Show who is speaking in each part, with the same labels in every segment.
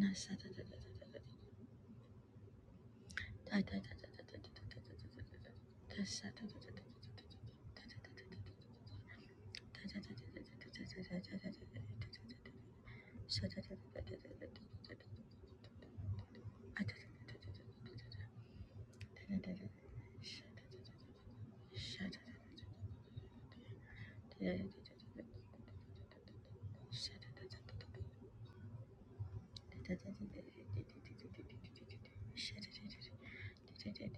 Speaker 1: Yes, Shut it,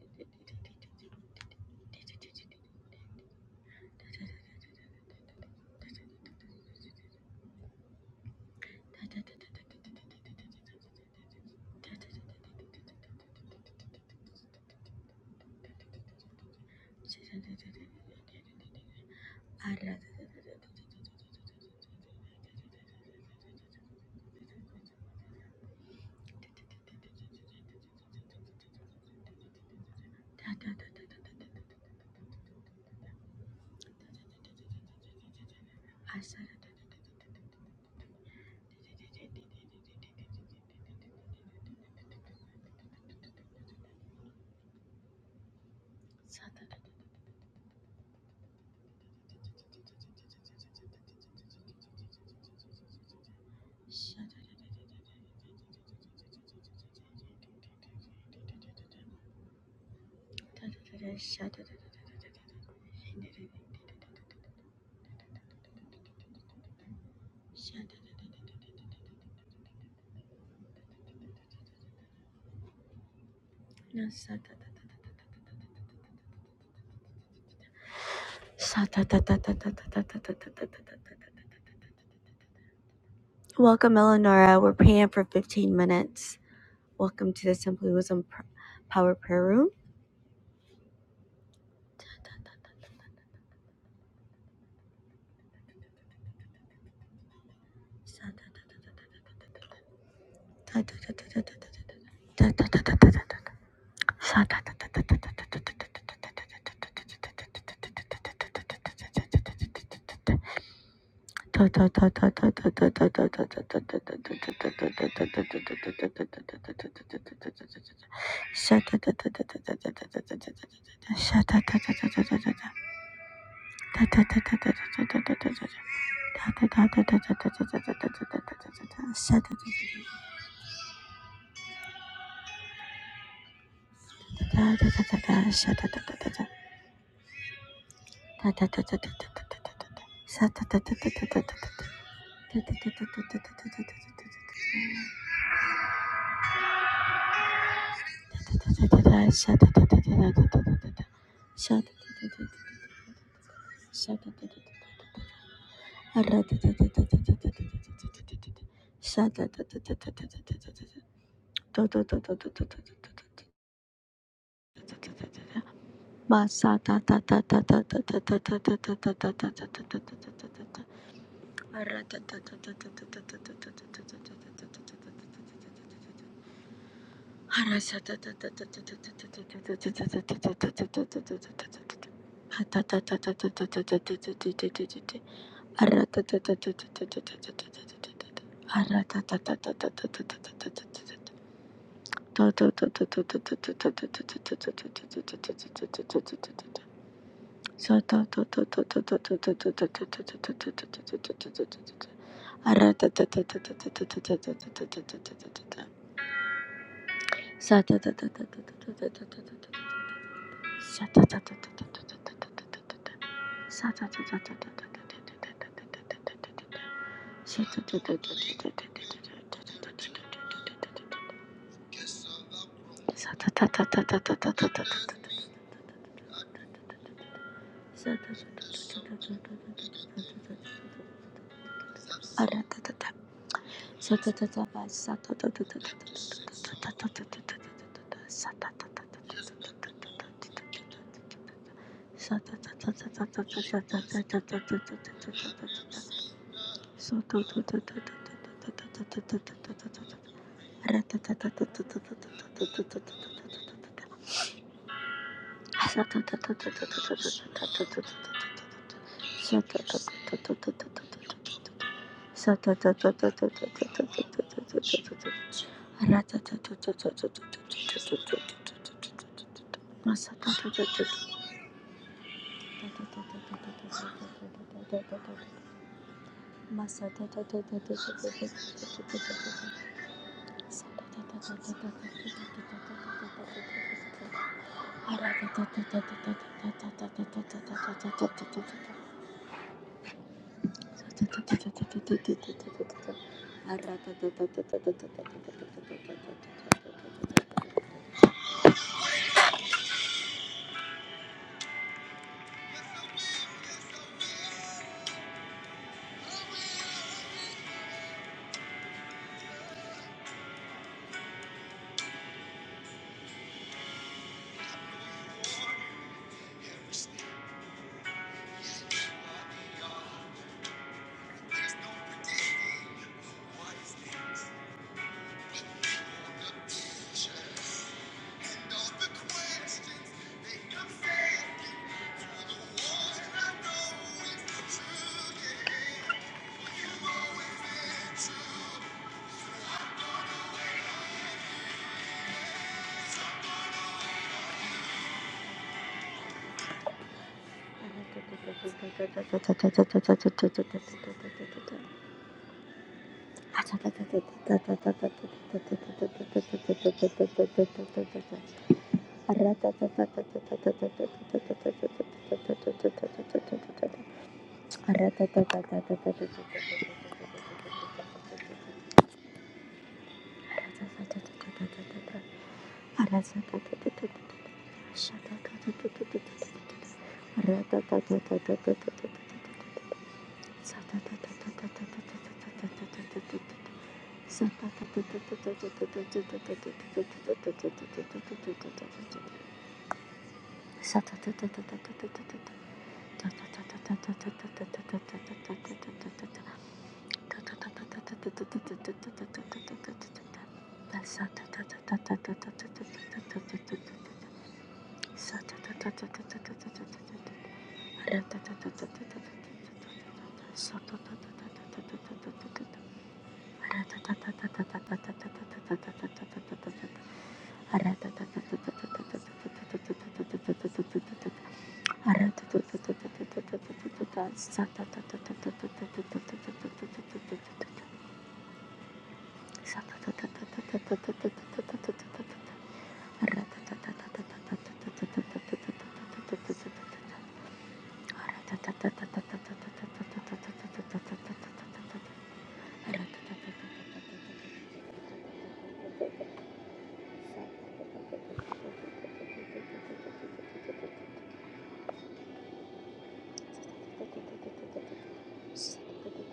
Speaker 1: Welcome, Eleonora. We're praying for 15 minutes. Welcome to the Simply Wisdom Power Prayer Room. ta ta ta ta ta ta ta ta ta ta. Harasata Sa ta ta ta ta ta ta ta ta ta ta ta ta ta ta ta ta. Aratatata satatata satatata satatata satatata satatata satatata Masa Thank you. Sata Sata Thank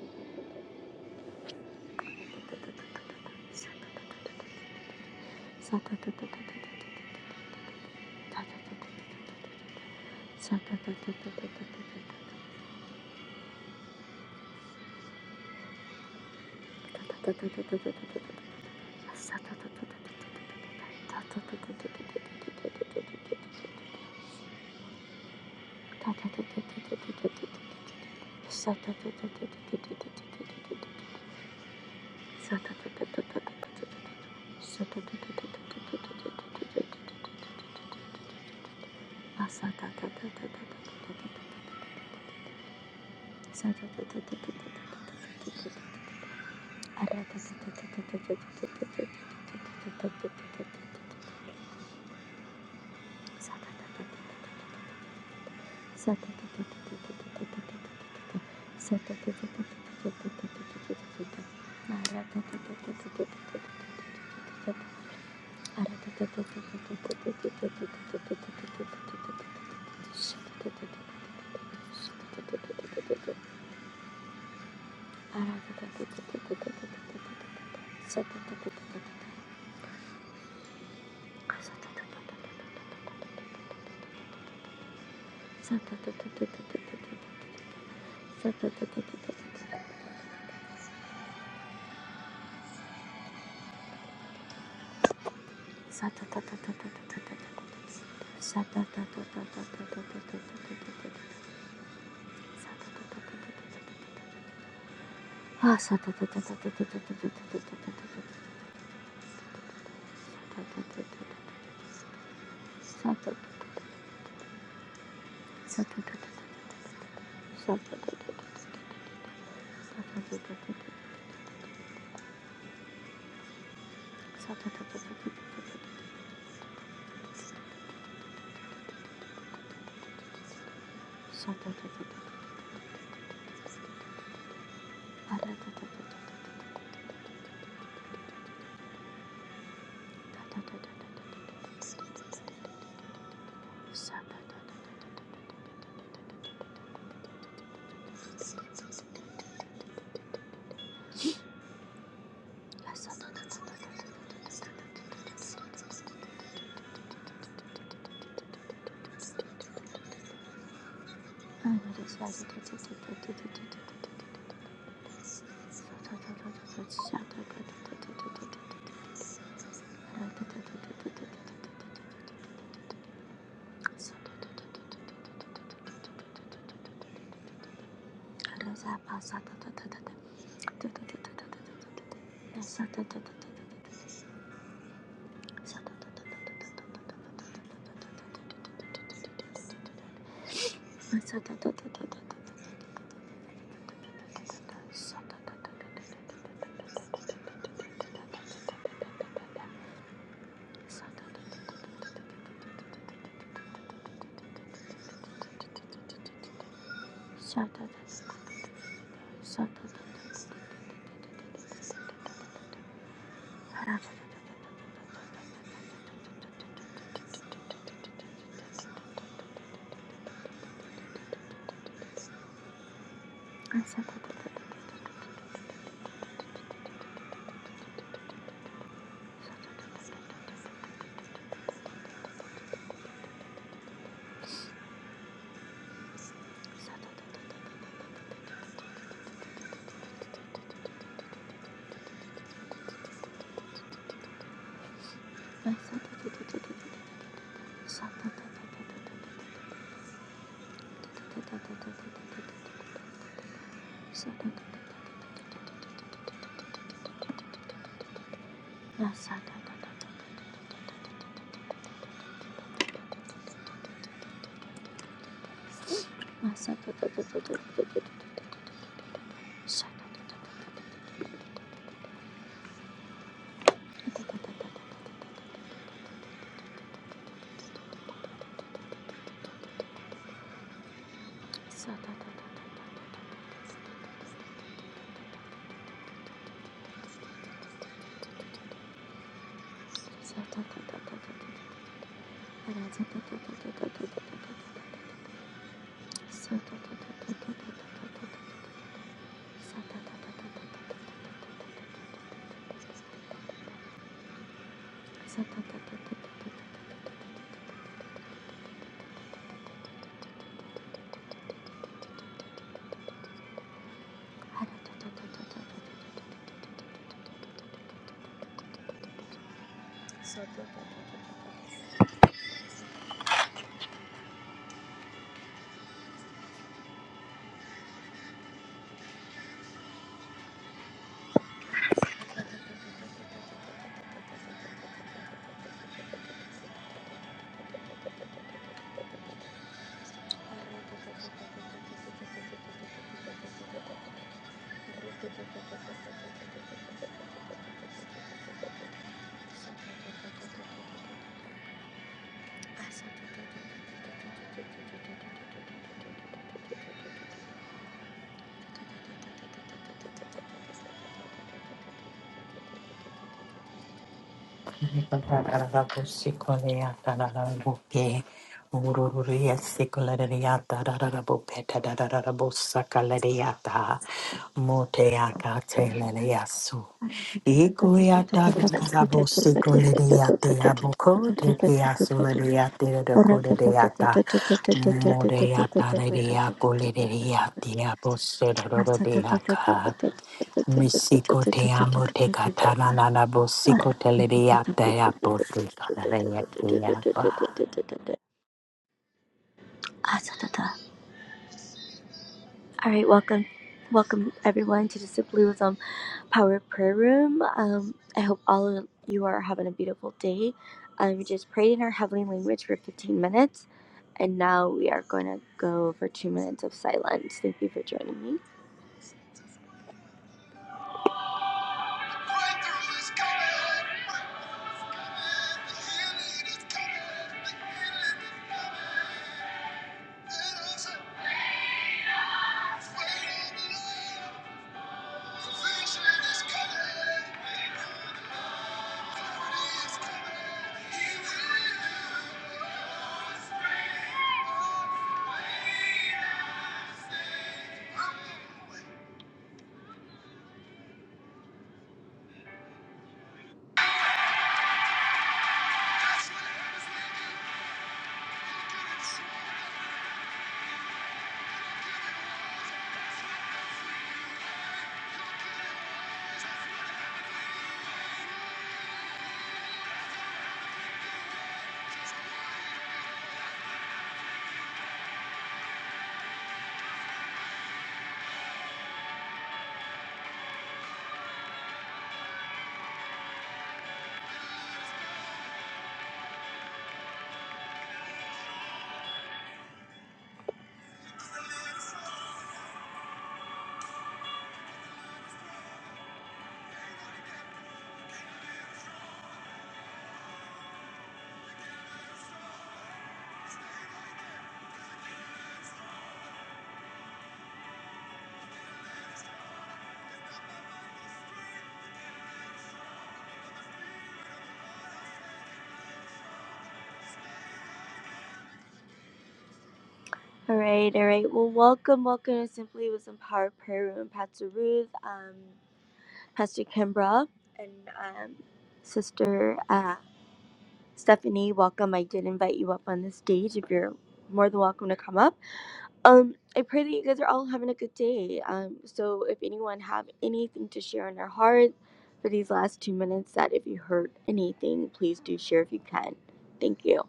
Speaker 1: you. Sa Sata Sa Yes, Sa
Speaker 2: Moreata,
Speaker 1: Thank you.
Speaker 2: de Acoleria, Tia Bosso, Rodeaca, Misiko te amo te katana na bosiko te liria te apo te kataria te apa.
Speaker 1: All right, welcome, welcome everyone to the Simply Wisdom Power Prayer Room. Um, I hope all of you are having a beautiful day. Um, we just prayed in our heavenly language for 15 minutes, and now we are going to go for two minutes of silence. Thank you for joining me. All right, all right. Well, welcome, welcome to Simply Wisdom Power Prayer Room, Pastor Ruth, um, Pastor Kimbra, and um, Sister uh, Stephanie. Welcome. I did invite you up on the stage. If you're more than welcome to come up, Um, I pray that you guys are all having a good day. Um, so if anyone have anything to share on their heart for these last two minutes, that if you heard anything, please do share if you can. Thank you.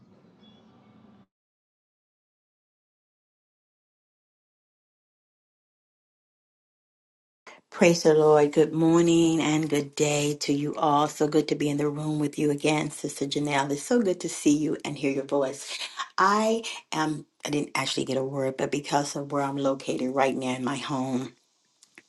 Speaker 2: Praise the Lord. Good morning and good day to you all. So good to be in the room with you again, Sister Janelle. It's so good to see you and hear your voice. I am, I didn't actually get a word, but because of where I'm located right now in my home,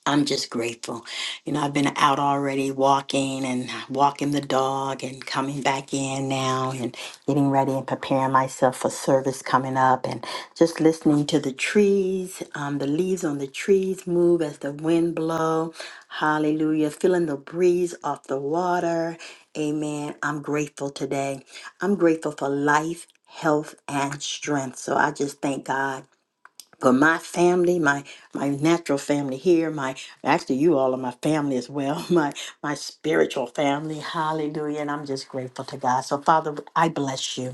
Speaker 2: I'm just grateful. You know, I've been out already walking and walking the dog and coming back in now and getting ready and preparing myself for service coming up and just listening to the trees, um, the leaves on the trees move as the wind blow. Hallelujah. Feeling the breeze off the water. Amen. I'm grateful today. I'm grateful for life, health, and strength. So I just thank God but my family my my natural family here my actually you all are my family as well my my spiritual family hallelujah and i'm just grateful to god so father i bless you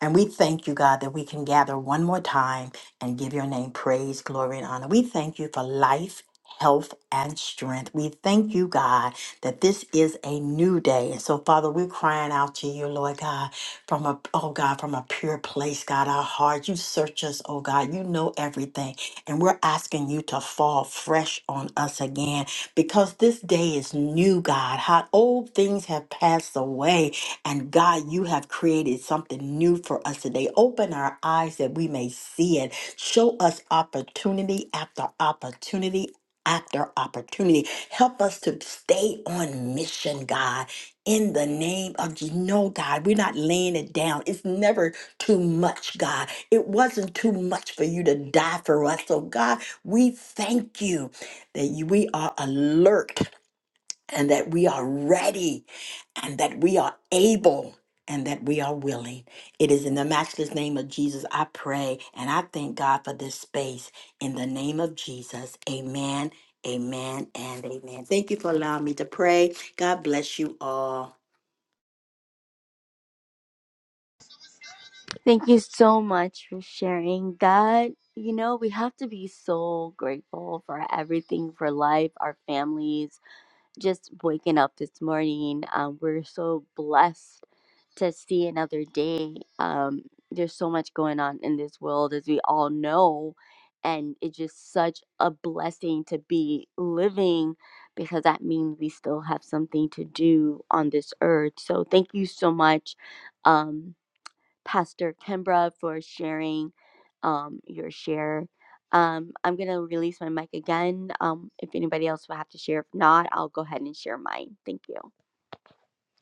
Speaker 2: and we thank you, God, that we can gather one more time and give your name praise, glory, and honor. We thank you for life. Health and strength. We thank you, God, that this is a new day. And so, Father, we're crying out to you, Lord God, from a, oh God, from a pure place, God, our hearts. You search us, oh God. You know everything. And we're asking you to fall fresh on us again because this day is new, God. How old things have passed away. And God, you have created something new for us today. Open our eyes that we may see it. Show us opportunity after opportunity after opportunity. Help us to stay on mission, God. In the name of Je- no, God, we're not laying it down. It's never too much, God. It wasn't too much for you to die for us. So, God, we thank you that you, we are alert and that we are ready and that we are able and that we are willing. It is in the matchless name of Jesus I pray and I thank God for this space. In the name of Jesus, amen, amen, and amen. Thank you for allowing me to pray. God bless you all.
Speaker 1: Thank you so much for sharing that. You know, we have to be so grateful for everything, for life, our families. Just waking up this morning, um, we're so blessed to see another day. Um, there's so much going on in this world, as we all know. And it's just such a blessing to be living because that means we still have something to do on this earth. So, thank you so much, um, Pastor Kimbra, for sharing um, your share. Um, I'm going to release my mic again. Um, if anybody else will have to share, if not, I'll go ahead and share mine. Thank you.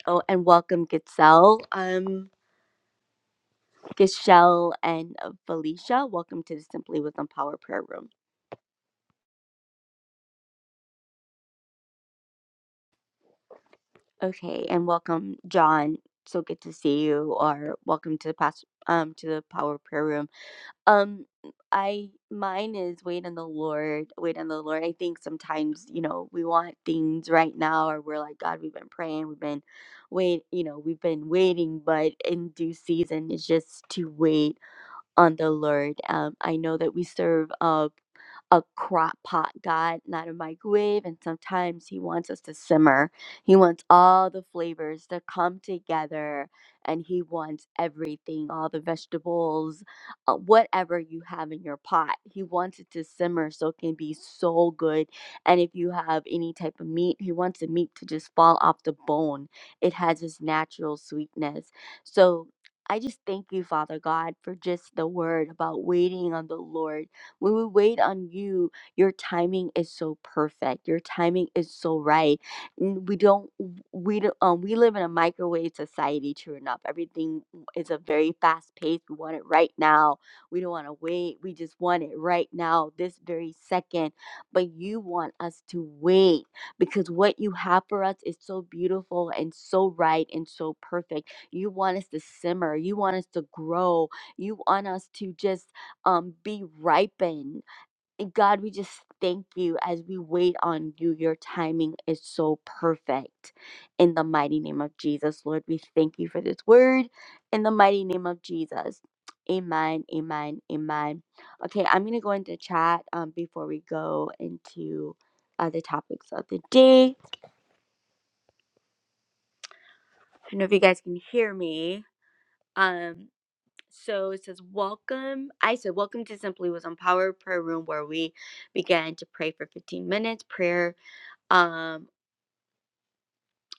Speaker 1: Oh, and welcome, Gitzel. Um, Gishelle and Felicia. Welcome to the Simply Wisdom Power Prayer Room. Okay, and welcome, John. So good to see you, or welcome to the past, um, to the Power Prayer Room. Um, I mine is wait on the Lord, wait on the Lord. I think sometimes you know we want things right now, or we're like God, we've been praying, we've been wait, you know, we've been waiting, but in due season, it's just to wait on the Lord. Um, I know that we serve a a crock pot God, not a microwave, and sometimes He wants us to simmer. He wants all the flavors to come together, and He wants everything, all the vegetables, uh, whatever you have in your pot. He wants it to simmer so it can be so good. And if you have any type of meat, He wants the meat to just fall off the bone. It has this natural sweetness. So I just thank you, Father God, for just the word about waiting on the Lord. When we wait on you, your timing is so perfect. Your timing is so right. N- We don't, we don't, um, we live in a microwave society. True enough, everything is a very fast pace. We want it right now. We don't want to wait. We just want it right now, this very second. But you want us to wait because what you have for us is so beautiful and so right and so perfect you want us to simmer. You want us to grow. You want us to just um, be ripened. And God, we just thank you as we wait on you. Your timing is so perfect. In the mighty name of Jesus, Lord, we thank you for this word. In the mighty name of Jesus. Amen, amen, amen. Okay, I'm going to go into chat um, before we go into uh, the topics of the day. I don't know if you guys can hear me. Um, So it says, Welcome. I said, Welcome to Simply Wisdom Power Prayer Room, where we began to pray for 15 minutes. Prayer. um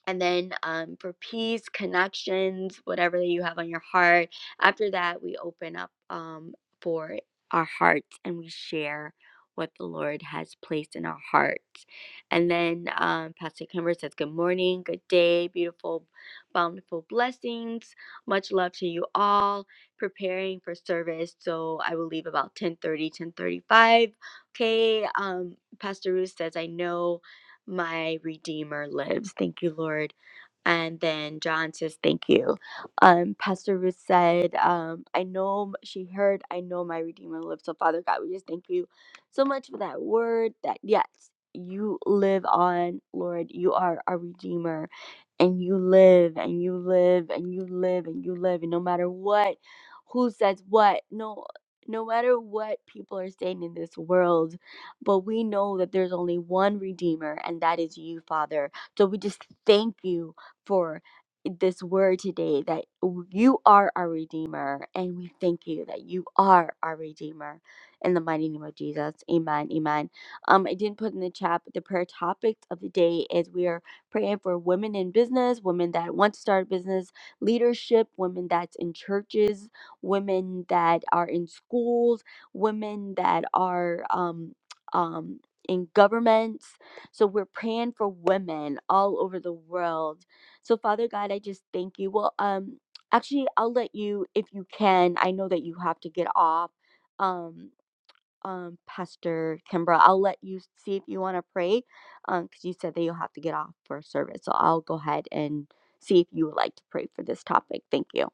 Speaker 1: and then um, for peace, connections, whatever that you have on your heart. After that, we open up um, for our hearts and we share what the Lord has placed in our hearts. And then um, Pastor Kimber says, Good morning, good day, beautiful, bountiful blessings. Much love to you all. Preparing for service, so I will leave about 10 30, 10 35. Okay, um, Pastor Ruth says, I know my Redeemer lives. Thank you, Lord. And then John says, Thank you. Um, Pastor Ruth said, um, I know she heard, I know my Redeemer lives. So, Father God, we just thank you so much for that word that, yes, you live on, Lord. You are our Redeemer, and you live, and you live, and you live, and you live. And no matter what, who says what, no, no matter what people are saying in this world, but we know that there's only one Redeemer, and that is you, Father. So we just thank you for this word today that you are our Redeemer, and we thank you that you are our Redeemer. In the mighty name of Jesus, amen, amen. Um, I didn't put in the chat, but the prayer topic of the day is we are praying for women in business, women that want to start business, leadership, women that's in churches, women that are in schools, women that are um, um, in governments. So we're praying for women all over the world. So Father God, I just thank you. Well, um, actually, I'll let you if you can. I know that you have to get off. Um, um, Pastor Kimbra, I'll let you see if you want to pray, um, because you said that you'll have to get off for service. So I'll go ahead and see if you would like to pray for this topic. Thank you.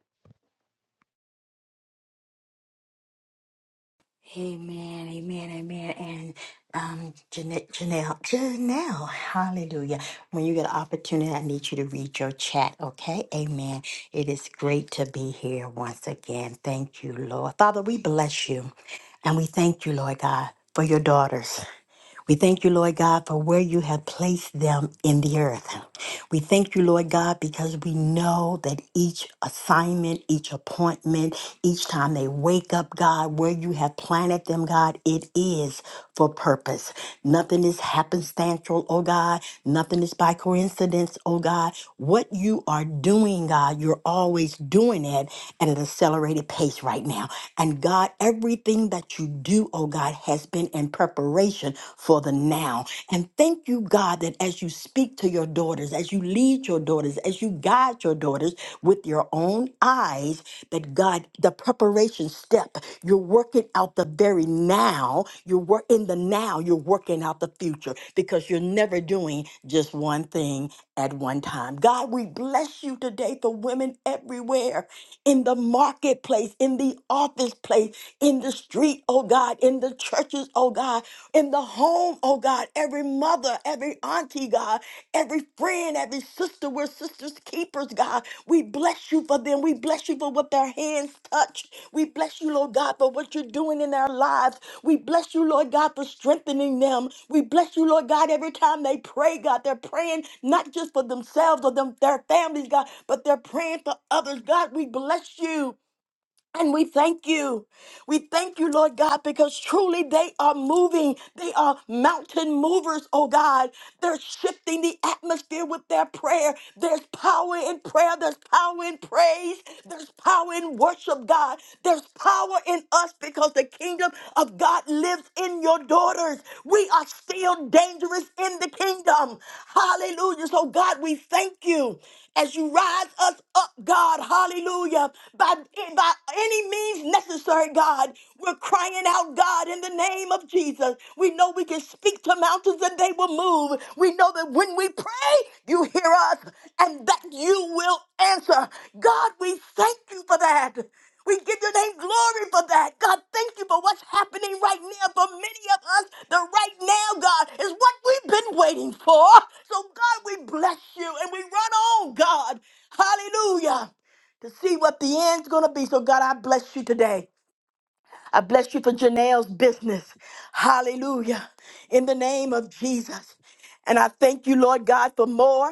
Speaker 2: Amen, amen, amen. And um, Janelle, Janelle, Janelle, hallelujah. When you get an opportunity, I need you to read your chat, okay? Amen. It is great to be here once again. Thank you, Lord. Father, we bless you and we thank you, Lord God, for your daughters. We thank you, Lord God, for where you have placed them in the earth. We thank you, Lord God, because we know that each assignment, each appointment, each time they wake up, God, where you have planted them, God, it is for purpose. Nothing is happenstantial, oh God. Nothing is by coincidence, oh God. What you are doing, God, you're always doing it at an accelerated pace right now. And God, everything that you do, oh God, has been in preparation for the now now. And thank you, God, that as you speak to your daughters, as you lead your daughters, as you guide your daughters with your own eyes, that God, the preparation step, you're working out the very now. You're work in the now, you're working out the future because you're never doing just one thing at one time. God, we bless you today for women everywhere in the marketplace, in the office place, in the street, oh God, in the churches, oh God, in the home, oh God, every mother, every auntie, God, every friend, every sister, we're sisters keepers, God. We bless you for them. We bless you for what their hands touch. We bless you, Lord God, for what you're doing in their lives. We bless you, Lord God, for strengthening them. We bless you, Lord God, every time they pray, God, they're praying not just for themselves or them, their families, God, but they're praying for others. God, we bless you. And we thank you. We thank you, Lord God, because truly they are moving. They are mountain movers, oh God. They're shifting the atmosphere with their prayer. There's power in prayer. There's power in praise. There's power in worship, God. There's power in us because the kingdom of God lives in your daughters. We are still dangerous in the kingdom. Hallelujah. So, God, we thank you as you rise us up, God, hallelujah, by, by any means necessary, God. We're crying out, God, in the name of Jesus. We know we can speak to mountains and they will move. We know that when we pray, you hear us and that you will answer. God, we thank you for that. We give your name glory for that. God, thank you for what's happening right now. For many of us, the right now, God, is what we've been waiting for. So, God, we bless you and we run on, God. Hallelujah. To see what the end's going to be. So, God, I bless you today. I bless you for Janelle's business. Hallelujah. In the name of Jesus. And I thank you, Lord God, for more.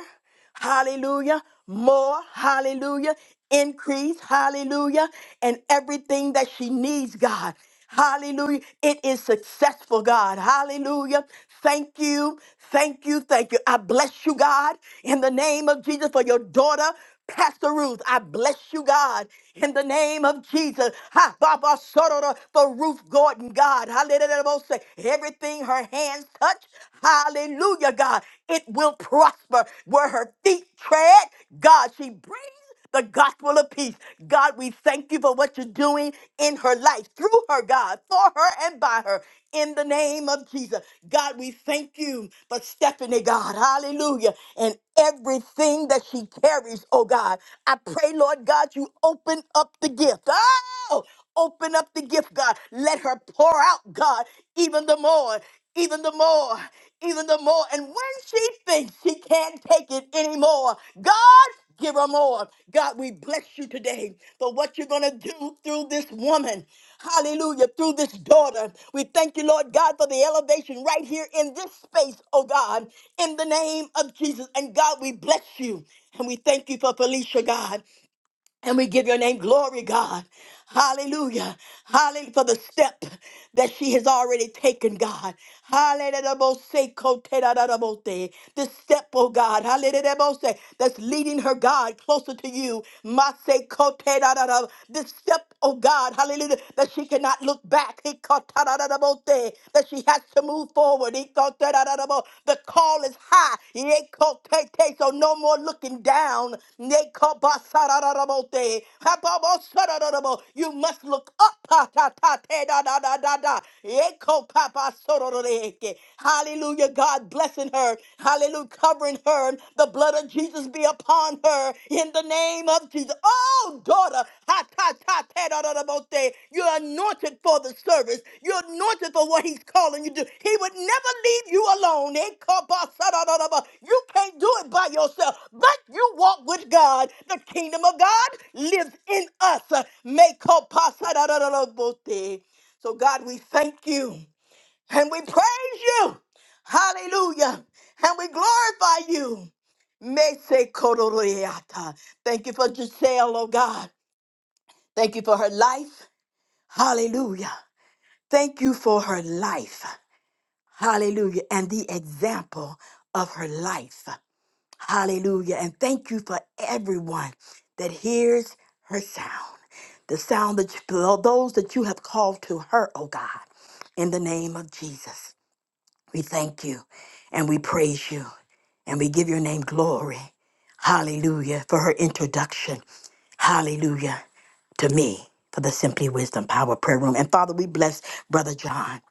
Speaker 2: Hallelujah. More. Hallelujah. Increase. Hallelujah. And everything that she needs, God. Hallelujah. It is successful, God. Hallelujah. Thank you. Thank you. Thank you. I bless you, God, in the name of Jesus for your daughter. Pastor Ruth, I bless you, God, in the name of Jesus. Ha, Baba Sorora, for Ruth Gordon, God. Hallelujah. Everything her hands touch, hallelujah, God, it will prosper. Where her feet tread, God, she brings the gospel of peace. God, we thank you for what you're doing in her life, through her, God, for her and by her, in the name of Jesus. God, we thank you for Stephanie, God, hallelujah, and everything that she carries, oh God. I pray, Lord God, you open up the gift. Oh! Open up the gift, God. Let her pour out, God, even the more, even the more, even the more. And when she thinks she can't take it anymore, God, give her more. God, we bless you today for what you're going to do through this woman. Hallelujah. Through this daughter. We thank you, Lord God, for the elevation right here in this space, oh God, in the name of Jesus. And God, we bless you. And we thank you for Felicia, God. And we give your name glory, God. Hallelujah. Hallelujah for the step that she has already taken, God. Hallelujah. The step, oh God. Hallelujah. That's leading her, God, closer to you. Mase kote da The step, oh God. Hallelujah. That she cannot look back. He kota That she has to move forward. Ikoterarabo. The call is high. Ikotete. So no more looking down. Nekobasarararabote. Hababosarararabo. You must look up. Ta, ta, ta, te, da, da, da, da, da. Ekopapasororeke. Hallelujah. God blessing her. Hallelujah. Covering her. The blood of Jesus be upon her in the name name of Jesus. Oh, daughter, ha ta ta ta da da da bo, te. You're anointed for the service. You're anointed for what He's calling you to. do. He would never leave you alone. Eh, ka, ba, sa, da, da, da, ba. You can't do it by yourself, but you walk with God. The kingdom of God lives in us. Eh, me, ka, pa, sa, da, da, da, da, bo, te. So, God, we thank you and we praise you. Hallelujah. And we glorify you. Mese kororiata. Thank you for Giselle, oh God. Thank you for her life. Hallelujah. Thank you for her life. Hallelujah. And the example of her life. Hallelujah. And thank you for everyone that hears her sound. The sound that you, those that you have called to her, oh God, in the name of Jesus. We thank you and we praise you and we give your name glory. Hallelujah for her introduction. Hallelujah to me for the Simply Wisdom Power Prayer Room. And Father, we bless Brother John.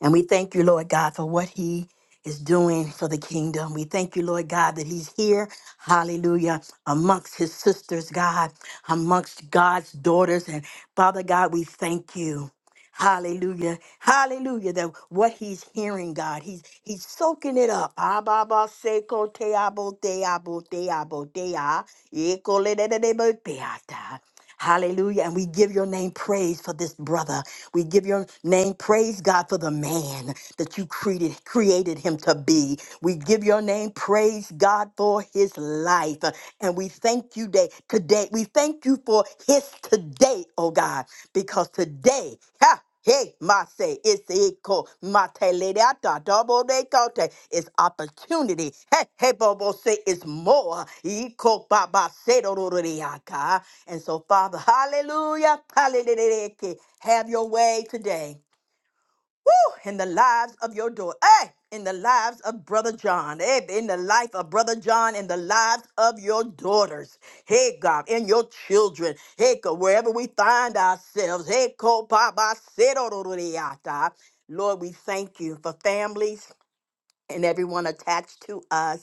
Speaker 2: And we thank you, Lord God, for what he is doing for the kingdom. We thank you, Lord God, that he's here, hallelujah, amongst his sisters, God, amongst God's daughters. And Father God, we thank you. Hallelujah. Hallelujah. That what he's hearing, God, he's he's soaking it up. Ababa seko te abo te abo te abo te a. Eko le de de de bo te a ta. Hallelujah. And we give your name praise for this brother. We give your name praise, God, for the man that you created, created him to be. We give your name praise, God, for his life. And we thank you day, today. We thank you for his today, oh God, because today, ha, hey, my say, it's equal, my teleata, double de cote, it's opportunity. Hey, hey, bobo say, it's more. Equal, baba, say, do, do, do, de, ah, God. And so, Father, hallelujah, hallelujah, have your way today. Woo! In the lives of your daughter. Hey! In the lives of Brother John. Hey, in the life of Brother John, in the lives of your daughters. Hey, God, in your children. Hey, God, wherever we find ourselves. Hey, ko pa ba se do do do de ya ta. Lord, we thank you for families and everyone attached to us.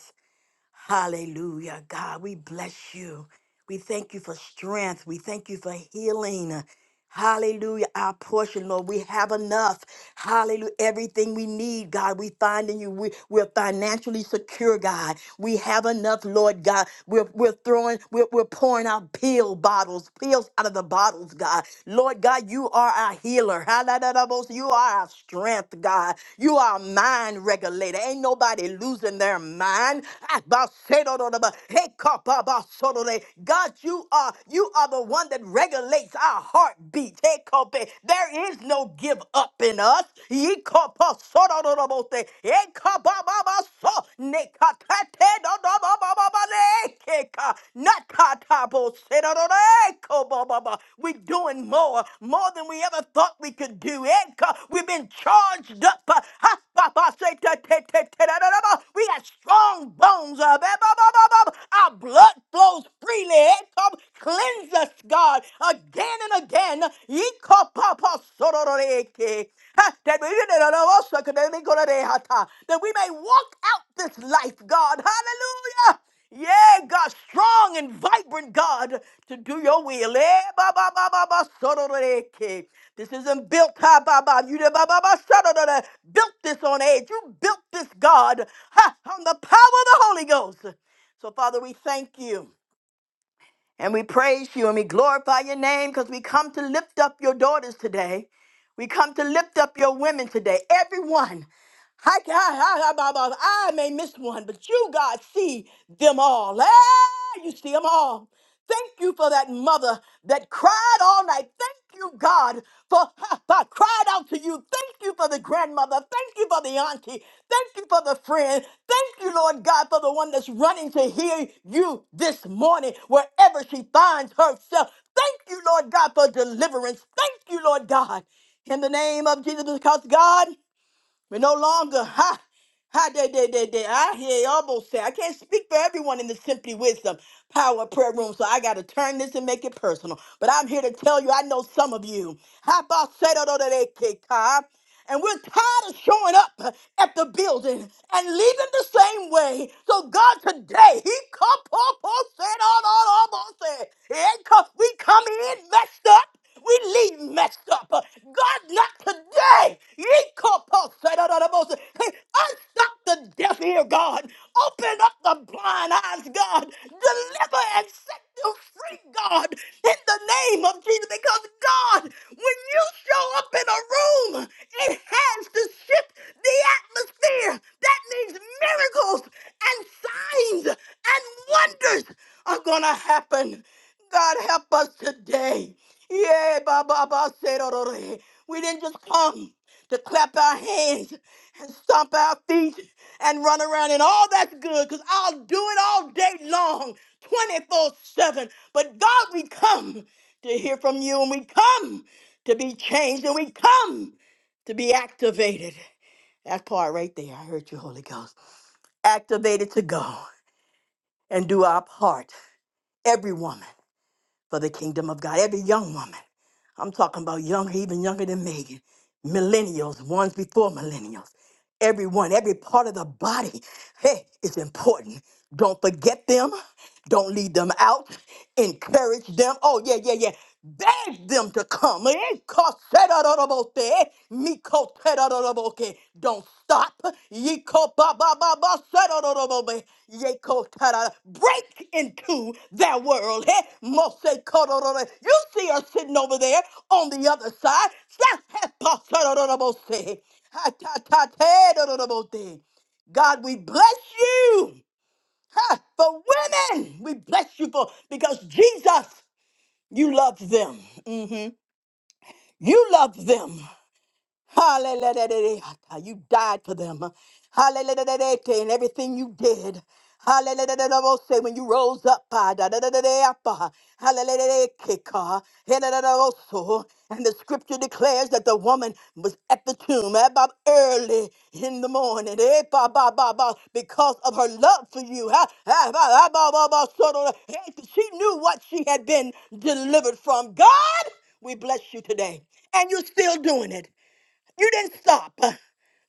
Speaker 2: Hallelujah, God. We bless you. We thank you for strength. We thank you for healing. Hallelujah, our portion, Lord. We have enough. Hallelujah. Everything we need, God, we find in you. We, we're financially secure, God. We have enough, Lord God. We're, we're throwing, we're, we're pouring out pill bottles, pills out of the bottles, God. Lord God, you are our healer. power. You are our strength, God. You are our mind regulator. Ain't nobody losing their mind. God, you are you are the one that regulates our heartbeat. Hey, There is no give up in us. We're doing more, more than we ever thought we could do. Eka, We've been charged up. uh, ha, ba, ba, se, te, te, te, te, da, da, da, ba. We got strong bones. uh, ba, ba, ba, ba, ba. Our blood flows freely. Eka, Cleanse us, God, again and again. Eka, pa, pa, so, do, do, de, ke. Ha, That we da, da, da, ba, so, ke, de, de, go, da, de, ha, ta. That we may walk out this life, God. Hallelujah. Yeah, God, strong and vibrant God to do your will. Eh, ba, ba, ba, ba, ba, so, This isn't built ha, ba, ba. You did, ba, ba, ba, so, built this on edge. You built this God ha, on the power of the Holy Ghost. So, Father, we thank you and we praise you and we glorify your name because we come to lift up your daughters today. We come to lift up your women today. Everyone. I, ca- I, I, I, I I may miss one, but you, God, see them all. Ah, you see them all. Thank you for that mother that cried all night. Thank you, God, for I cried out to you. Thank you for the grandmother. Thank you for the auntie. Thank you for the friend. Thank you, Lord God, for the one that's running to hear you this morning, wherever she finds herself. Thank you, Lord God, for deliverance. Thank you, Lord God, in the name of Jesus, because God. We're no longer, ha, ha, day, day, day, day. I hear almost say, I can't speak for everyone in the Simply Wisdom Power Prayer Room, so I got to turn this and make it personal. But I'm here to tell you, I know some of you. Ha, ba, se, do, do, do, de, ke, ka. And we're tired of showing up at the building and leaving the same way. So God, today, He come, po, po, se, do, do, do, bo, He come- we come in messed up. We leave messed up. Uh, God, not today. Yikopo said, "Oh, Yikoposedorobos. Hey, Unstop the deaf ear, God. Open up the blind eyes, God. Deliver and set them free, God, in the name of Jesus. Because, God, when you show up in a room, it has to shift the atmosphere. That means miracles and signs and wonders are going to happen. God, help us today. Yeah, Baba Baba said, "Orore." we didn't just come to clap our hands and stomp our feet and run around and all that's good because I'll do it all day long, 24 7. But God, we come to hear from you and we come to be changed and we come to be activated. That part right there, I heard you, Holy Ghost. Activated to go and do our part, every woman for the kingdom of God. Every young woman, I'm talking about young, even younger than Megan, millennials, ones before millennials, everyone, every part of the body, hey, is important. Don't forget them. Don't leave them out. Encourage them. Oh, yeah, yeah, yeah. Beg them to come. Eh, 'cause don't stop. Yeko ba ba ba ba sado do do do do be. Yeko tada. Break into that world. Hey, mose kodo do do. do. You see her sitting over there on the other side. Sa- he- pa- sado do do do bo se. Ha- ta- ta- te do do do bo de. God, we bless you ha, for women. We bless you for because Jesus, you love them. Mhm. You love them. Hallelujah. You died for them. Hallelujah. And everything you did. Hallelujah. Say when you rose up. ah, ah, Hallelujah. ah, so. And the scripture declares that the woman was at the tomb about early in the morning eh, because of her love for you. ah, ah, so, Eh, She knew what she had been delivered from. God, we bless you today. And you're still doing it. You didn't stop uh,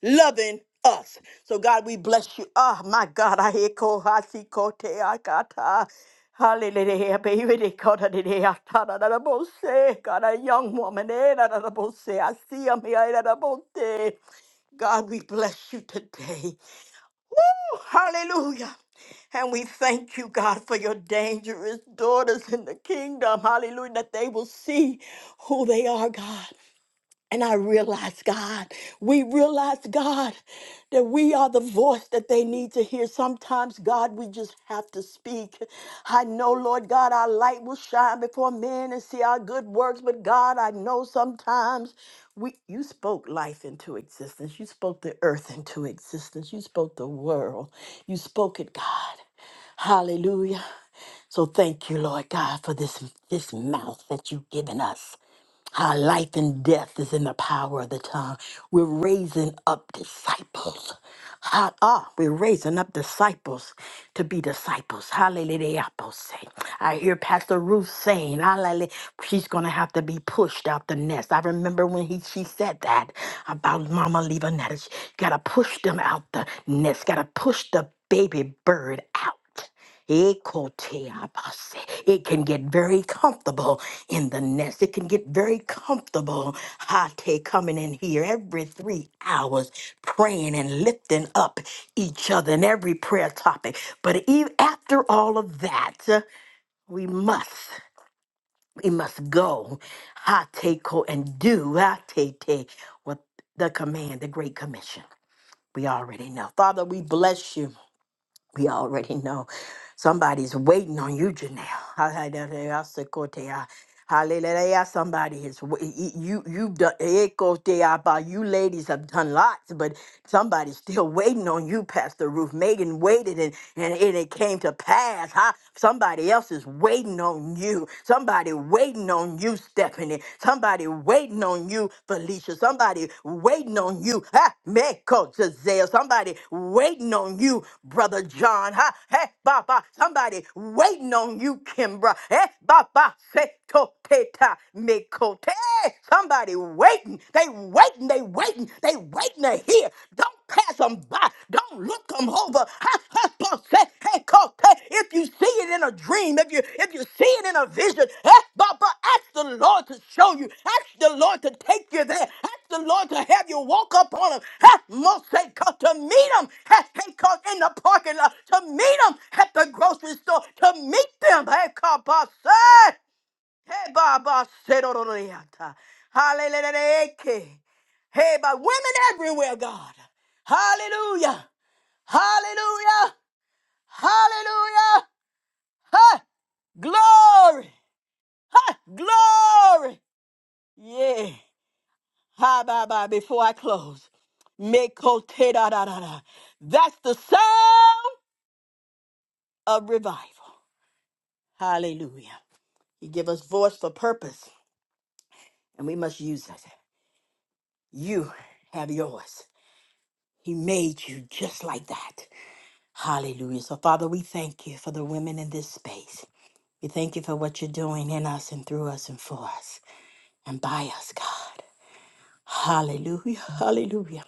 Speaker 2: loving us. So God, we bless you. Ah, my God, I echo hasikote akata. Hallelujah, baby. they call it the akata da da bo se. God, a young woman, eh, da da da bo I see him here, da da bo se. God, we bless you today. Woo, hallelujah. And we thank you, God, for your dangerous daughters in the kingdom. Hallelujah. That they will see who they are, God. And I realize, God, we realize, God, that we are the voice that they need to hear. Sometimes, God, we just have to speak. I know, Lord God, our light will shine before men and see our good works. But God, I know sometimes we you spoke life into existence. You spoke the earth into existence. You spoke the world. You spoke it, God. Hallelujah. So thank you, Lord God, for this this mouth that you've given us. Our life and death is in the power of the tongue. We're raising up disciples. Ha- ah, we're raising up disciples to be disciples. Hallelujah. I hear Pastor Ruth saying, hallelujah, she's going to have to be pushed out the nest. I remember when he, she said that about Mama Levanetta. Got to push them out the nest, got to push the baby bird out. Ekoteabase. It can get very comfortable in the nest. It can get very comfortable. Hate coming in here every three hours, praying and lifting up each other in every prayer topic. But even after all of that, uh, we must, we must go. Hate ko and do hate te what the command, the Great Commission. We already know. Father, we bless you. We already know somebody's waiting on you, Janelle. Hallelujah. Hallelujah. Somebody is wa- y- you you've done ekoteaba. you ladies have done lots, but somebody's still waiting on you, Pastor Ruth. Megan waited and, and, and it came to pass. Somebody else is waiting on you. Somebody waiting on you, Stephanie. Somebody waiting on you, Felicia. Somebody waiting on you, ha, Meko Giselle. Somebody waiting on you, Brother John. Ha, hey, Baba. Somebody waiting on you, Kimbra. Hey, Baba. Say, to, te, ta, Meko, te. Hey, Somebody waiting. They waiting. They waiting. They waiting to hear. Don't pass them by. Don't look them over. Ha, ha, ha, say, hey, call, hey. If you see it in a dream, if you if you see it in a vision, ask, Baba, ask the Lord to show you. Ask the Lord to take you there. Ask the Lord to have you walk up on them. Ha, must say, call, to meet them. Ha, hey, call, in the parking lot. To meet them at the grocery store. To meet them. Hey, call, boss, Hey, Baba, Sedororiata. Hallelujah. Hey, by women everywhere, God. Hallelujah. Hallelujah. Hallelujah. Ha! Glory. Ha! Glory. Yeah. Hi, bye, bye. Before I close, Meko te da da da da. That's the sound of revival. Hallelujah. He give us voice for purpose, and we must use it. You have yours. He made you just like that. Hallelujah. So, Father, we thank you for the women in this space. We thank you for what you're doing in us and through us and for us and by us, God. Hallelujah. Hallelujah.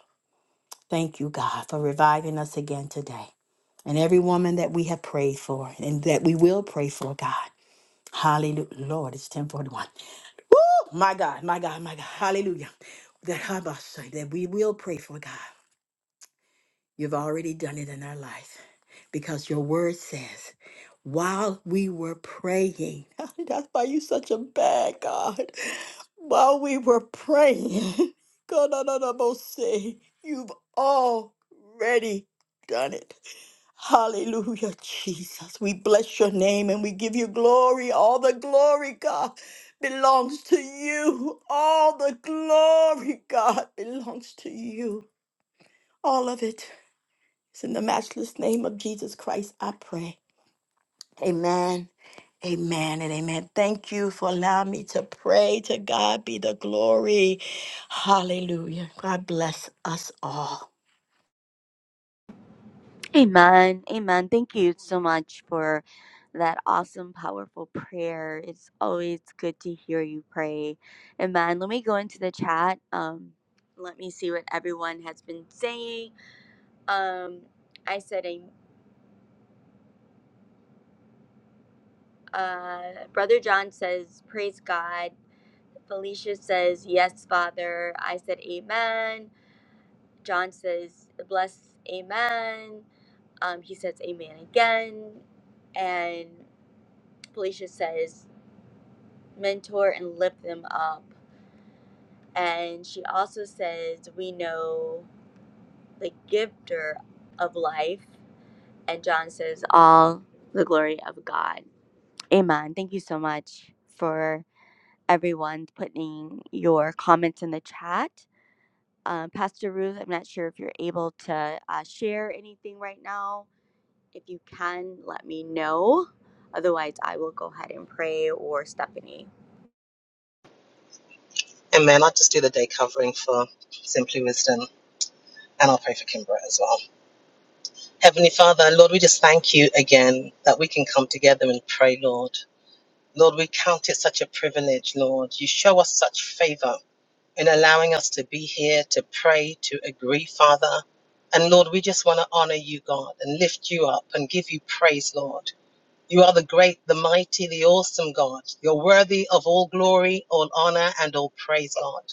Speaker 2: Thank you, God, for reviving us again today. And every woman that we have prayed for and that we will pray for, God. Hallelujah. Lord, it's 1041. Woo! My God, my God, my God. Hallelujah. That Habasha, that we will pray for, God. You've already done it in our life. because your word says, while we were praying, that's why you such a bad God. While we were praying, God, no, no, no, most say, you've already done it. Hallelujah, Jesus. We bless your name and we give you glory. All the glory, God, belongs to you. All the glory, God, belongs to you. All of it is in the matchless name of Jesus Christ, I pray. Amen. Amen and amen. Thank you for allowing me to pray. To God be the glory. Hallelujah. God bless us all.
Speaker 1: Amen. Amen. Thank you so much for that awesome, powerful prayer. It's always good to hear you pray. Amen. Let me go into the chat. Um, let me see what everyone has been saying. Um, I said, am- uh, Brother John says, Praise God. Felicia says, Yes, Father. I said, Amen. John says, Bless, Amen. Um, he says, Amen again. And Felicia says, mentor and lift them up. And she also says, We know the gifter of life. And John says, All the glory of God. Amen. Thank you so much for everyone putting your comments in the chat. Um, Pastor Ruth, I'm not sure if you're able to uh, share anything right now. If you can, let me know. Otherwise, I will go ahead and pray or Stephanie.
Speaker 3: And man, I just do the day covering for Simply Wisdom. And I'll pray for Kimbra as well. Heavenly Father, Lord, we just thank you again that we can come together and pray, Lord. Lord, we count it such a privilege, Lord. You show us such favor in allowing us to be here, to pray, to agree, Father. And Lord, we just want to honor you, God, and lift you up and give you praise, Lord. You are the great, the mighty, the awesome God. You're worthy of all glory, all honor, and all praise, God.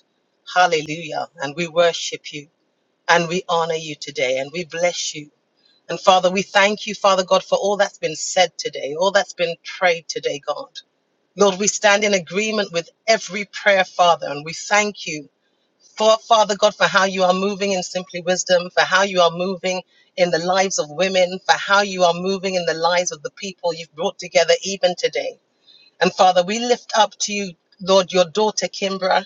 Speaker 3: Hallelujah. And we worship you and we honor you today and we bless you. And Father, we thank you, Father God, for all that's been said today, all that's been prayed today, God. Lord, we stand in agreement with every prayer, Father, and we thank you for, Father God, for how you are moving in Simply Wisdom, for how you are moving in the lives of women, for how you are moving in the lives of the people you've brought together even today. And Father, we lift up to you, Lord, your daughter, Kimbra.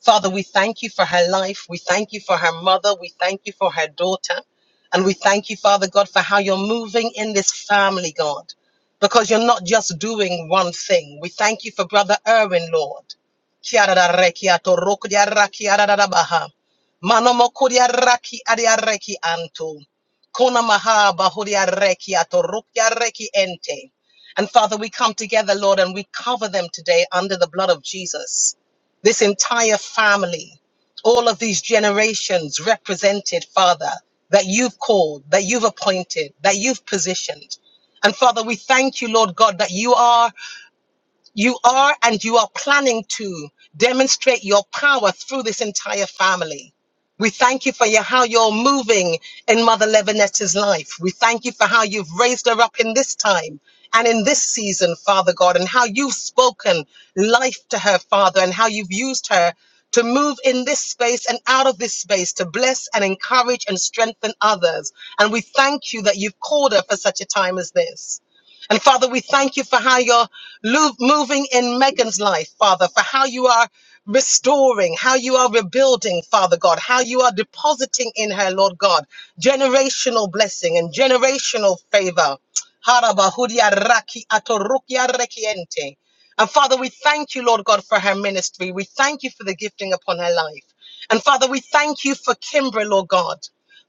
Speaker 3: Father, we thank you for her life. We thank you for her mother. We thank you for her daughter. And we thank you, Father God, for how you're moving in this family, God, because you're not just doing one thing. We thank you for Brother Erwin, Lord. Mano mokuria raki aria reki anto. Kona maha bahuria reki ente. And Father, we come together, Lord, and we cover them today under the blood of Jesus. This entire family, all of these generations represented, Father, that you've called, that you've appointed, that you've positioned. And Father, we thank you, Lord God, that you are. You are and you are planning to demonstrate your power through this entire family. We thank you for your, how you're moving in Mother Levinetta's life. We thank you for how you've raised her up in this time and in this season, Father God, and how you've spoken life to her, Father, and how you've used her to move in this space and out of this space to bless and encourage and strengthen others. And we thank you that you've called her for such a time as this. And Father, we thank you for how you're lo- moving in Megan's life, Father, for how you are restoring, how you are rebuilding, Father God, how you are depositing in her, Lord God, generational blessing and generational favor. Harabahudia raki atorukia rekiente. And Father, we thank you, Lord God, for her ministry. We thank you for the gifting upon her life. And Father, we thank you for Kimbra, Lord God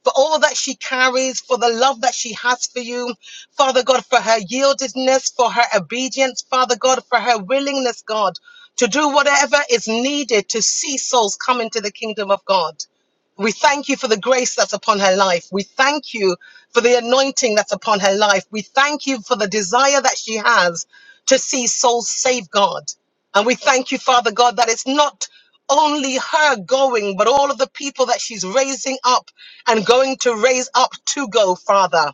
Speaker 3: for all that she carries, for the love that she has for you. Father God, for her yieldedness, for her obedience. Father God, for her willingness, God, to do whatever is needed to see souls come into the kingdom of God. We thank you for the grace that's upon her life. We thank you for the anointing that's upon her life. We thank you for the desire that she has to see souls saved, God. And we thank you, Father God, that it's not only her going, but all of the people that she's raising up and going to raise up to go, Father.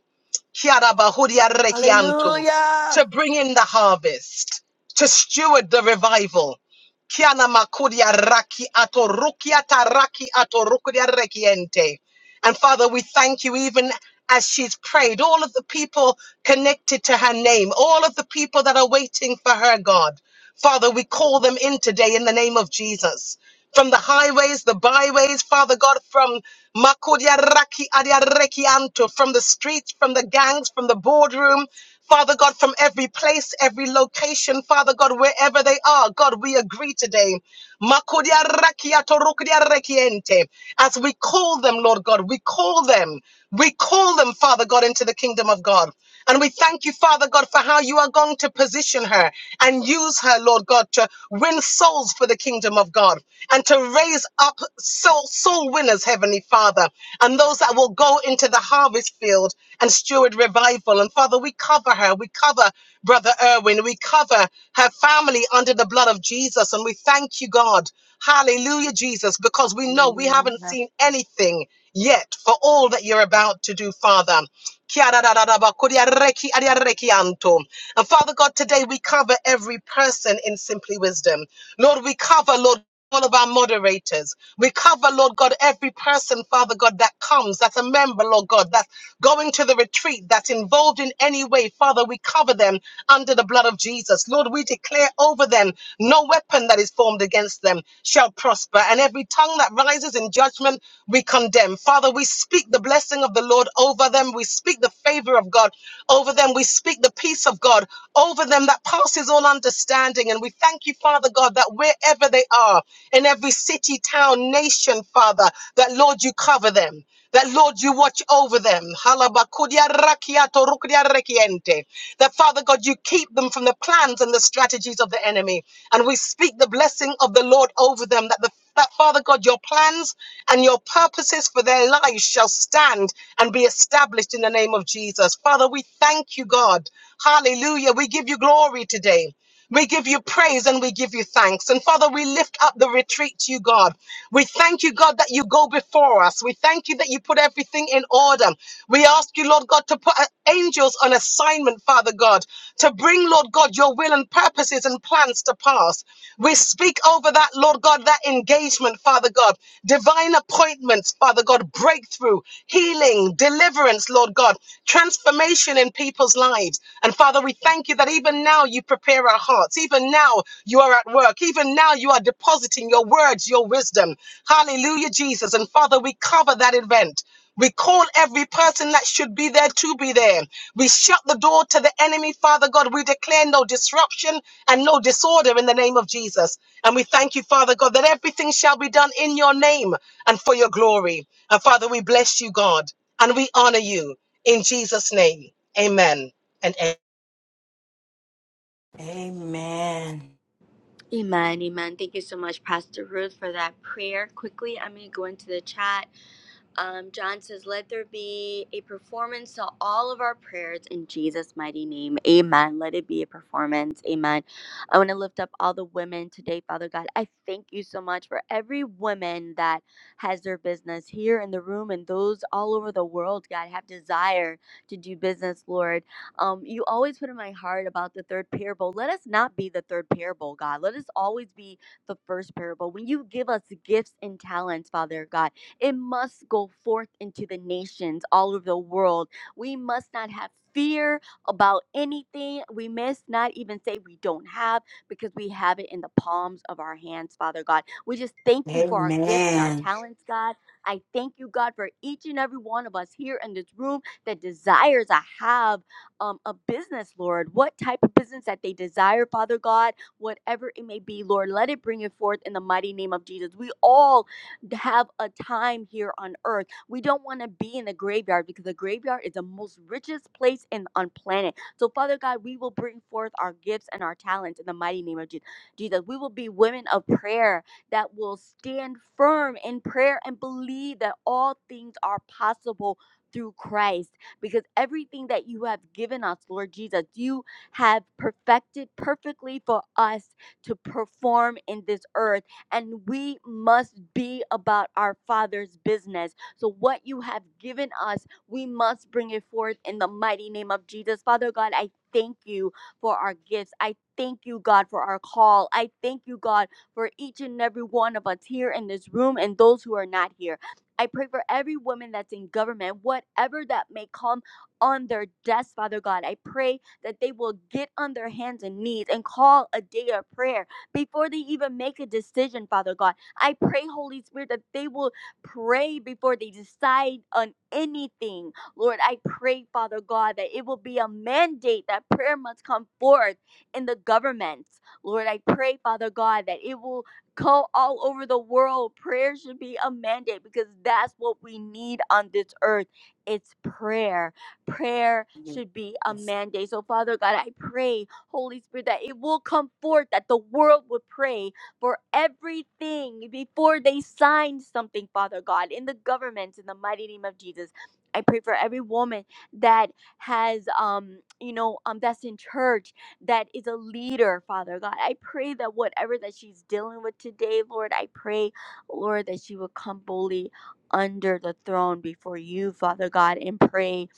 Speaker 3: Kiara bahuria rekianto. To bring in the harvest, to steward the revival. Kiana makudia raki ato rukiata raki ato rukudia rekiente. And Father, we thank you even as she's prayed, all of the people connected to her name, all of the people that are waiting for her, God. Father, we call them in today in the name of Jesus from the highways, the byways, Father God, from makodiaraki Adiarekianto, from the streets, from the gangs, from the boardroom, Father God, from every place, every location, Father God, wherever they are, God, we agree today. Makudiarakiatorokudiarekiente. As we call them, Lord God, we call them, we call them, Father God, into the kingdom of God. And we thank you, Father God, for how you are going to position her and use her, Lord God, to win souls for the kingdom of God and to raise up soul, soul winners, Heavenly Father, and those that will go into the harvest field and steward revival. And Father, we cover her. We cover Brother Irwin. We cover her family under the blood of Jesus. And we thank you, God. Hallelujah, Jesus, because we know we haven't
Speaker 2: Hallelujah.
Speaker 3: seen anything yet for all that you're about to do, Father. Kiarararabakuriareki ariarekianto. And Father God, today we cover every person in Simply Wisdom. Lord, we cover, Lord, all of our moderators. We cover, Lord God, every person, Father God, that comes, that's a member, Lord God, that's going to the retreat, that's involved in any way. Father, we cover them under the blood of Jesus. Lord, we declare over them no weapon that is formed against them shall prosper, and every tongue that rises in judgment we condemn. Father, we speak the blessing of the Lord. Lord, over them. We speak the favor of God over them. We speak the peace of God over them that passes all understanding. And we thank you, Father God, that wherever they are, in every city, town, nation, Father, that Lord, you cover them. That Lord, you watch over them. Halabakudia rakiato rukudia rekiente. That Father God, you keep them from the plans and the strategies of the enemy. And we speak the blessing of the Lord over them, that the that Father God, your plans and your purposes for their lives shall stand and be established in the name of Jesus. Father, we thank you, God. Hallelujah. We give you glory today. We give you praise and we give you thanks. And Father, we lift up the retreat to you, God. We thank you, God, that you go before us. We thank you that you put everything in order. We we ask you, Lord God, to put uh, angels on assignment, Father God, to bring, Lord God, your will and purposes and plans to pass. We speak over that, Lord God, that engagement, Father God, divine appointments, Father God, breakthrough, healing, deliverance, Lord God, transformation in people's lives. And Father, we thank you that even now you prepare our hearts. Even now you are at work. Even now you are depositing your words, your wisdom. Hallelujah, Jesus. And Father, we cover that event. We call every person that should be there to be there. We shut the door to the enemy, Father God. We declare no disruption and no disorder in the name of Jesus. And we thank you, Father God, that everything shall be done in your name and for your glory. And Father, we bless you, God, and we honor you in Jesus' name. Amen. And
Speaker 2: Amen.
Speaker 1: Amen, amen. Thank you so much, Pastor Ruth, for that prayer. Quickly, I'm going to go into the chat. Um, John says, Let there be a performance to all of our prayers in Jesus' mighty name. Amen. Let it be a performance. Amen. I want to lift up all the women today, Father God. I thank you so much for every woman that has their business here in the room and those all over the world, God, have desire to do business, Lord. Um, you always put in my heart about the third parable. Let us not be the third parable, God. Let us always be the first parable. When you give us gifts and talents, Father God, it must go forth into the nations all over the world. We must not have fear about anything. We must not even say we don't have because we have it in the palms of our hands, Father God. We just thank you for our gifts and our
Speaker 2: Amen.
Speaker 1: talents, God. I thank you, God, for each and every one of us here in this room that desires to have um, a business, Lord. What type of business that they desire, Father God, whatever it may be, Lord, let it bring it forth in the mighty name of Jesus. We all have a time here on earth. We don't want to be in the graveyard because the graveyard is the most richest place in, on planet. So, Father God, we will bring forth our gifts and our talents in the mighty name of Je- Jesus. We will be women of prayer that will stand firm in prayer and believe that all things are possible through Christ because everything that you have given us, Lord Jesus, you have perfected perfectly for us to perform in this earth and we must be about our Father's business. So, what you have given us, we must bring it forth in the mighty name of Jesus. Father God, I thank you for our gifts. I thank you, God, for our call. I thank you, God, for each and every one of us here in this room and those who are not here. I pray for every woman that's in government, whatever that may come on their desk, Father God. I pray that they will get on their hands and knees and call a day of prayer before they even make a decision, Father God. I pray, Holy Spirit, that they will pray before they decide on anything. Lord, I pray, Father God, that it will be a mandate that prayer must come forth in the government. Lord, I pray, Father God, that it will go all over the world. Prayer should be a mandate because that's what we need on this earth. It's prayer. Prayer should be a mandate. So, Father God, I pray Holy Spirit, that it will come forth, that the world would pray for everything before they sign something, Father God, in the government, in the mighty name of Jesus. I pray for every woman that has, um, you know, um, that's in church, that is a leader, Father God. I pray that whatever that she's dealing with today, Lord, I pray, Lord, that she will come boldly under the throne before you, Father God, and pray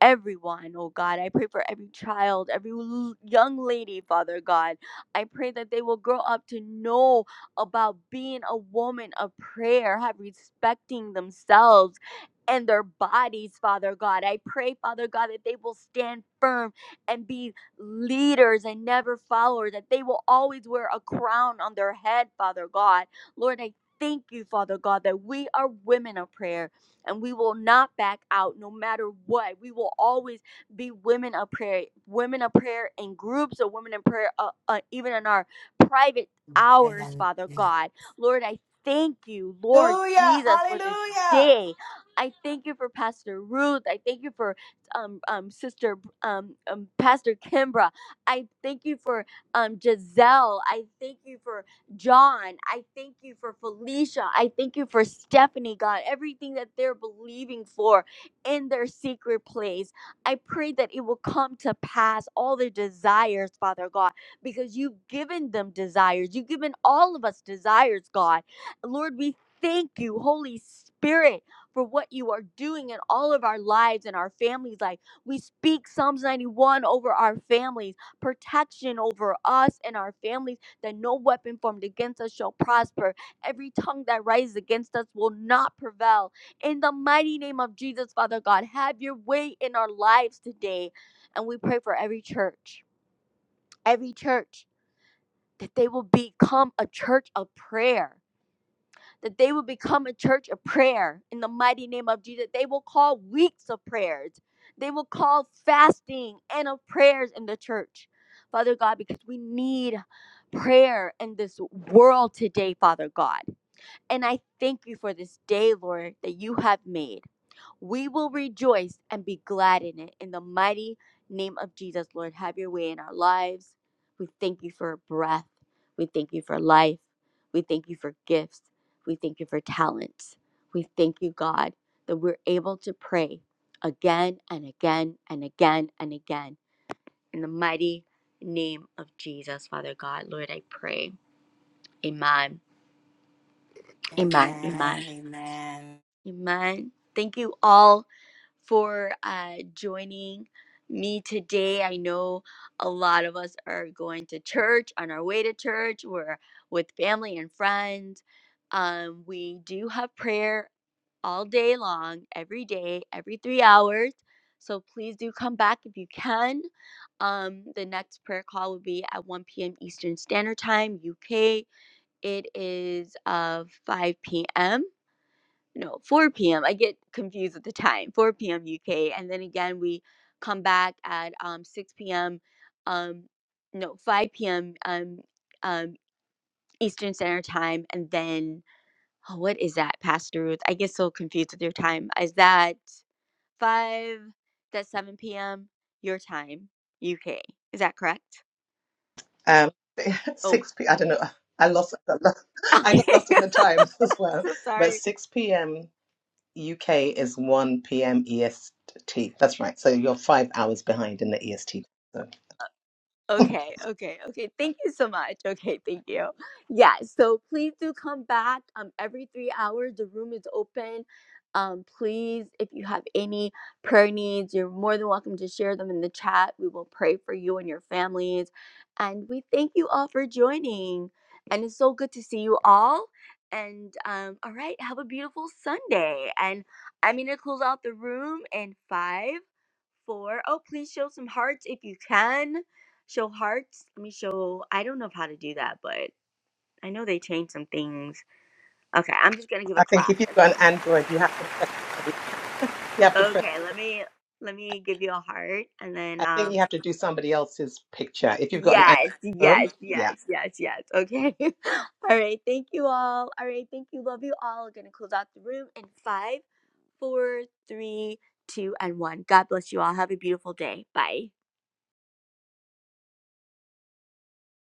Speaker 1: everyone, oh God. I pray for every child, every l- young lady, Father God. I pray that they will grow up to know about being a woman of prayer, have respecting themselves and their bodies, Father God. I pray, Father God, that they will stand firm and be leaders and never followers, that they will always wear a crown on their head, Father God. Lord, I thank you, Father God, that we are women of prayer and we will not back out no matter what. We will always be women of prayer, women of prayer in groups or women in prayer, uh, uh, even in our private hours,
Speaker 2: Amen.
Speaker 1: Father God. Lord, I thank you, Lord
Speaker 2: Hallelujah.
Speaker 1: Jesus, for this
Speaker 2: Hallelujah.
Speaker 1: day. I thank you for Pastor Ruth. I thank you for um, um, Sister um, um, Pastor Kimbra. I thank you for um, Giselle. I thank you for John. I thank you for Felicia. I thank you for Stephanie, God. Everything that they're believing for in their secret place. I pray that it will come to pass all their desires, Father God, because you've given them desires. You've given all of us desires, God. Lord, we thank you, Holy Spirit, for what you are doing in all of our lives and our families' life. We speak Psalms 91 over our families, protection over us and our families that no weapon formed against us shall prosper. Every tongue that rises against us will not prevail. In the mighty name of Jesus, Father God, have your way in our lives today. And we pray for every church, every church, that they will become a church of prayer that they will become a church of prayer in the mighty name of Jesus. They will call weeks of prayers. They will call fasting and of prayers in the church, Father God, because we need prayer in this world today, Father God. And I thank you for this day, Lord, that you have made. We will rejoice and be glad in it. In the mighty name of Jesus, Lord, have your way in our lives. We thank you for breath. We thank you for life. We thank you for gifts. We thank you for talents. We thank you, God, that we're able to pray again and again and again and again. In the mighty name of Jesus, Father God, Lord, I pray. Amen. Amen. Amen.
Speaker 2: Amen. Amen.
Speaker 1: Amen. Thank you all for uh, joining me today. I know a lot of us are going to church, on our way to church, we're with family and friends. Um, we do have prayer all day long, every day, every three hours. So please do come back if you can. Um, the next prayer call will be at 1 p.m. Eastern Standard Time, UK. It is uh, 5 p.m. No, 4 p.m. I get confused with the time. 4 p.m. UK, and then again we come back at um 6 p.m. um no 5 p.m. um um Eastern Standard Time, and then oh, what is that, Pastor Ruth? I get so confused with your time. Is that five? That's 7 p.m. your time, UK. Is that correct?
Speaker 3: amen. um,
Speaker 1: Oh,
Speaker 3: 6 p. I don't know. I lost. I
Speaker 1: okay.
Speaker 3: got lost in the time as well.
Speaker 1: so
Speaker 3: But
Speaker 1: sorry.
Speaker 3: 6 p.m. UK is 1 p.m. EST. That's right. So you're five hours behind in the EST. So
Speaker 1: Okay, okay, okay. Thank you so much. Okay, thank you. Yeah, so please do come back. Um, every three hours the room is open. Um, please, if you have any prayer needs, you're more than welcome to share them in the chat. We will pray for you and your families. And we thank you all for joining. And it's so good to see you all. And um, all right, have a beautiful Sunday. And I'm gonna close out the room in five, four. Oh, please show some hearts if you can Show hearts. Let me show. I don't know how to do that, but I know they changed some things. Okay, I'm just gonna give
Speaker 3: I
Speaker 1: a
Speaker 3: think
Speaker 1: clap.
Speaker 3: if you've
Speaker 1: That's
Speaker 3: got an
Speaker 1: fine.
Speaker 3: Android, you have to press somebody. You have to press.
Speaker 1: Okay, let me let me give you a heart, and then
Speaker 3: I think you
Speaker 1: um,
Speaker 3: have to do somebody else's picture. If you've got an Android
Speaker 1: yes,
Speaker 3: phone,
Speaker 1: yes,
Speaker 3: yeah.
Speaker 1: yes, yes, yes. Okay. all right. Thank you all. All right. Thank you. Love you all. We're gonna close out the room in five, four, three, two, and one. God bless you all. Have a beautiful day. Bye.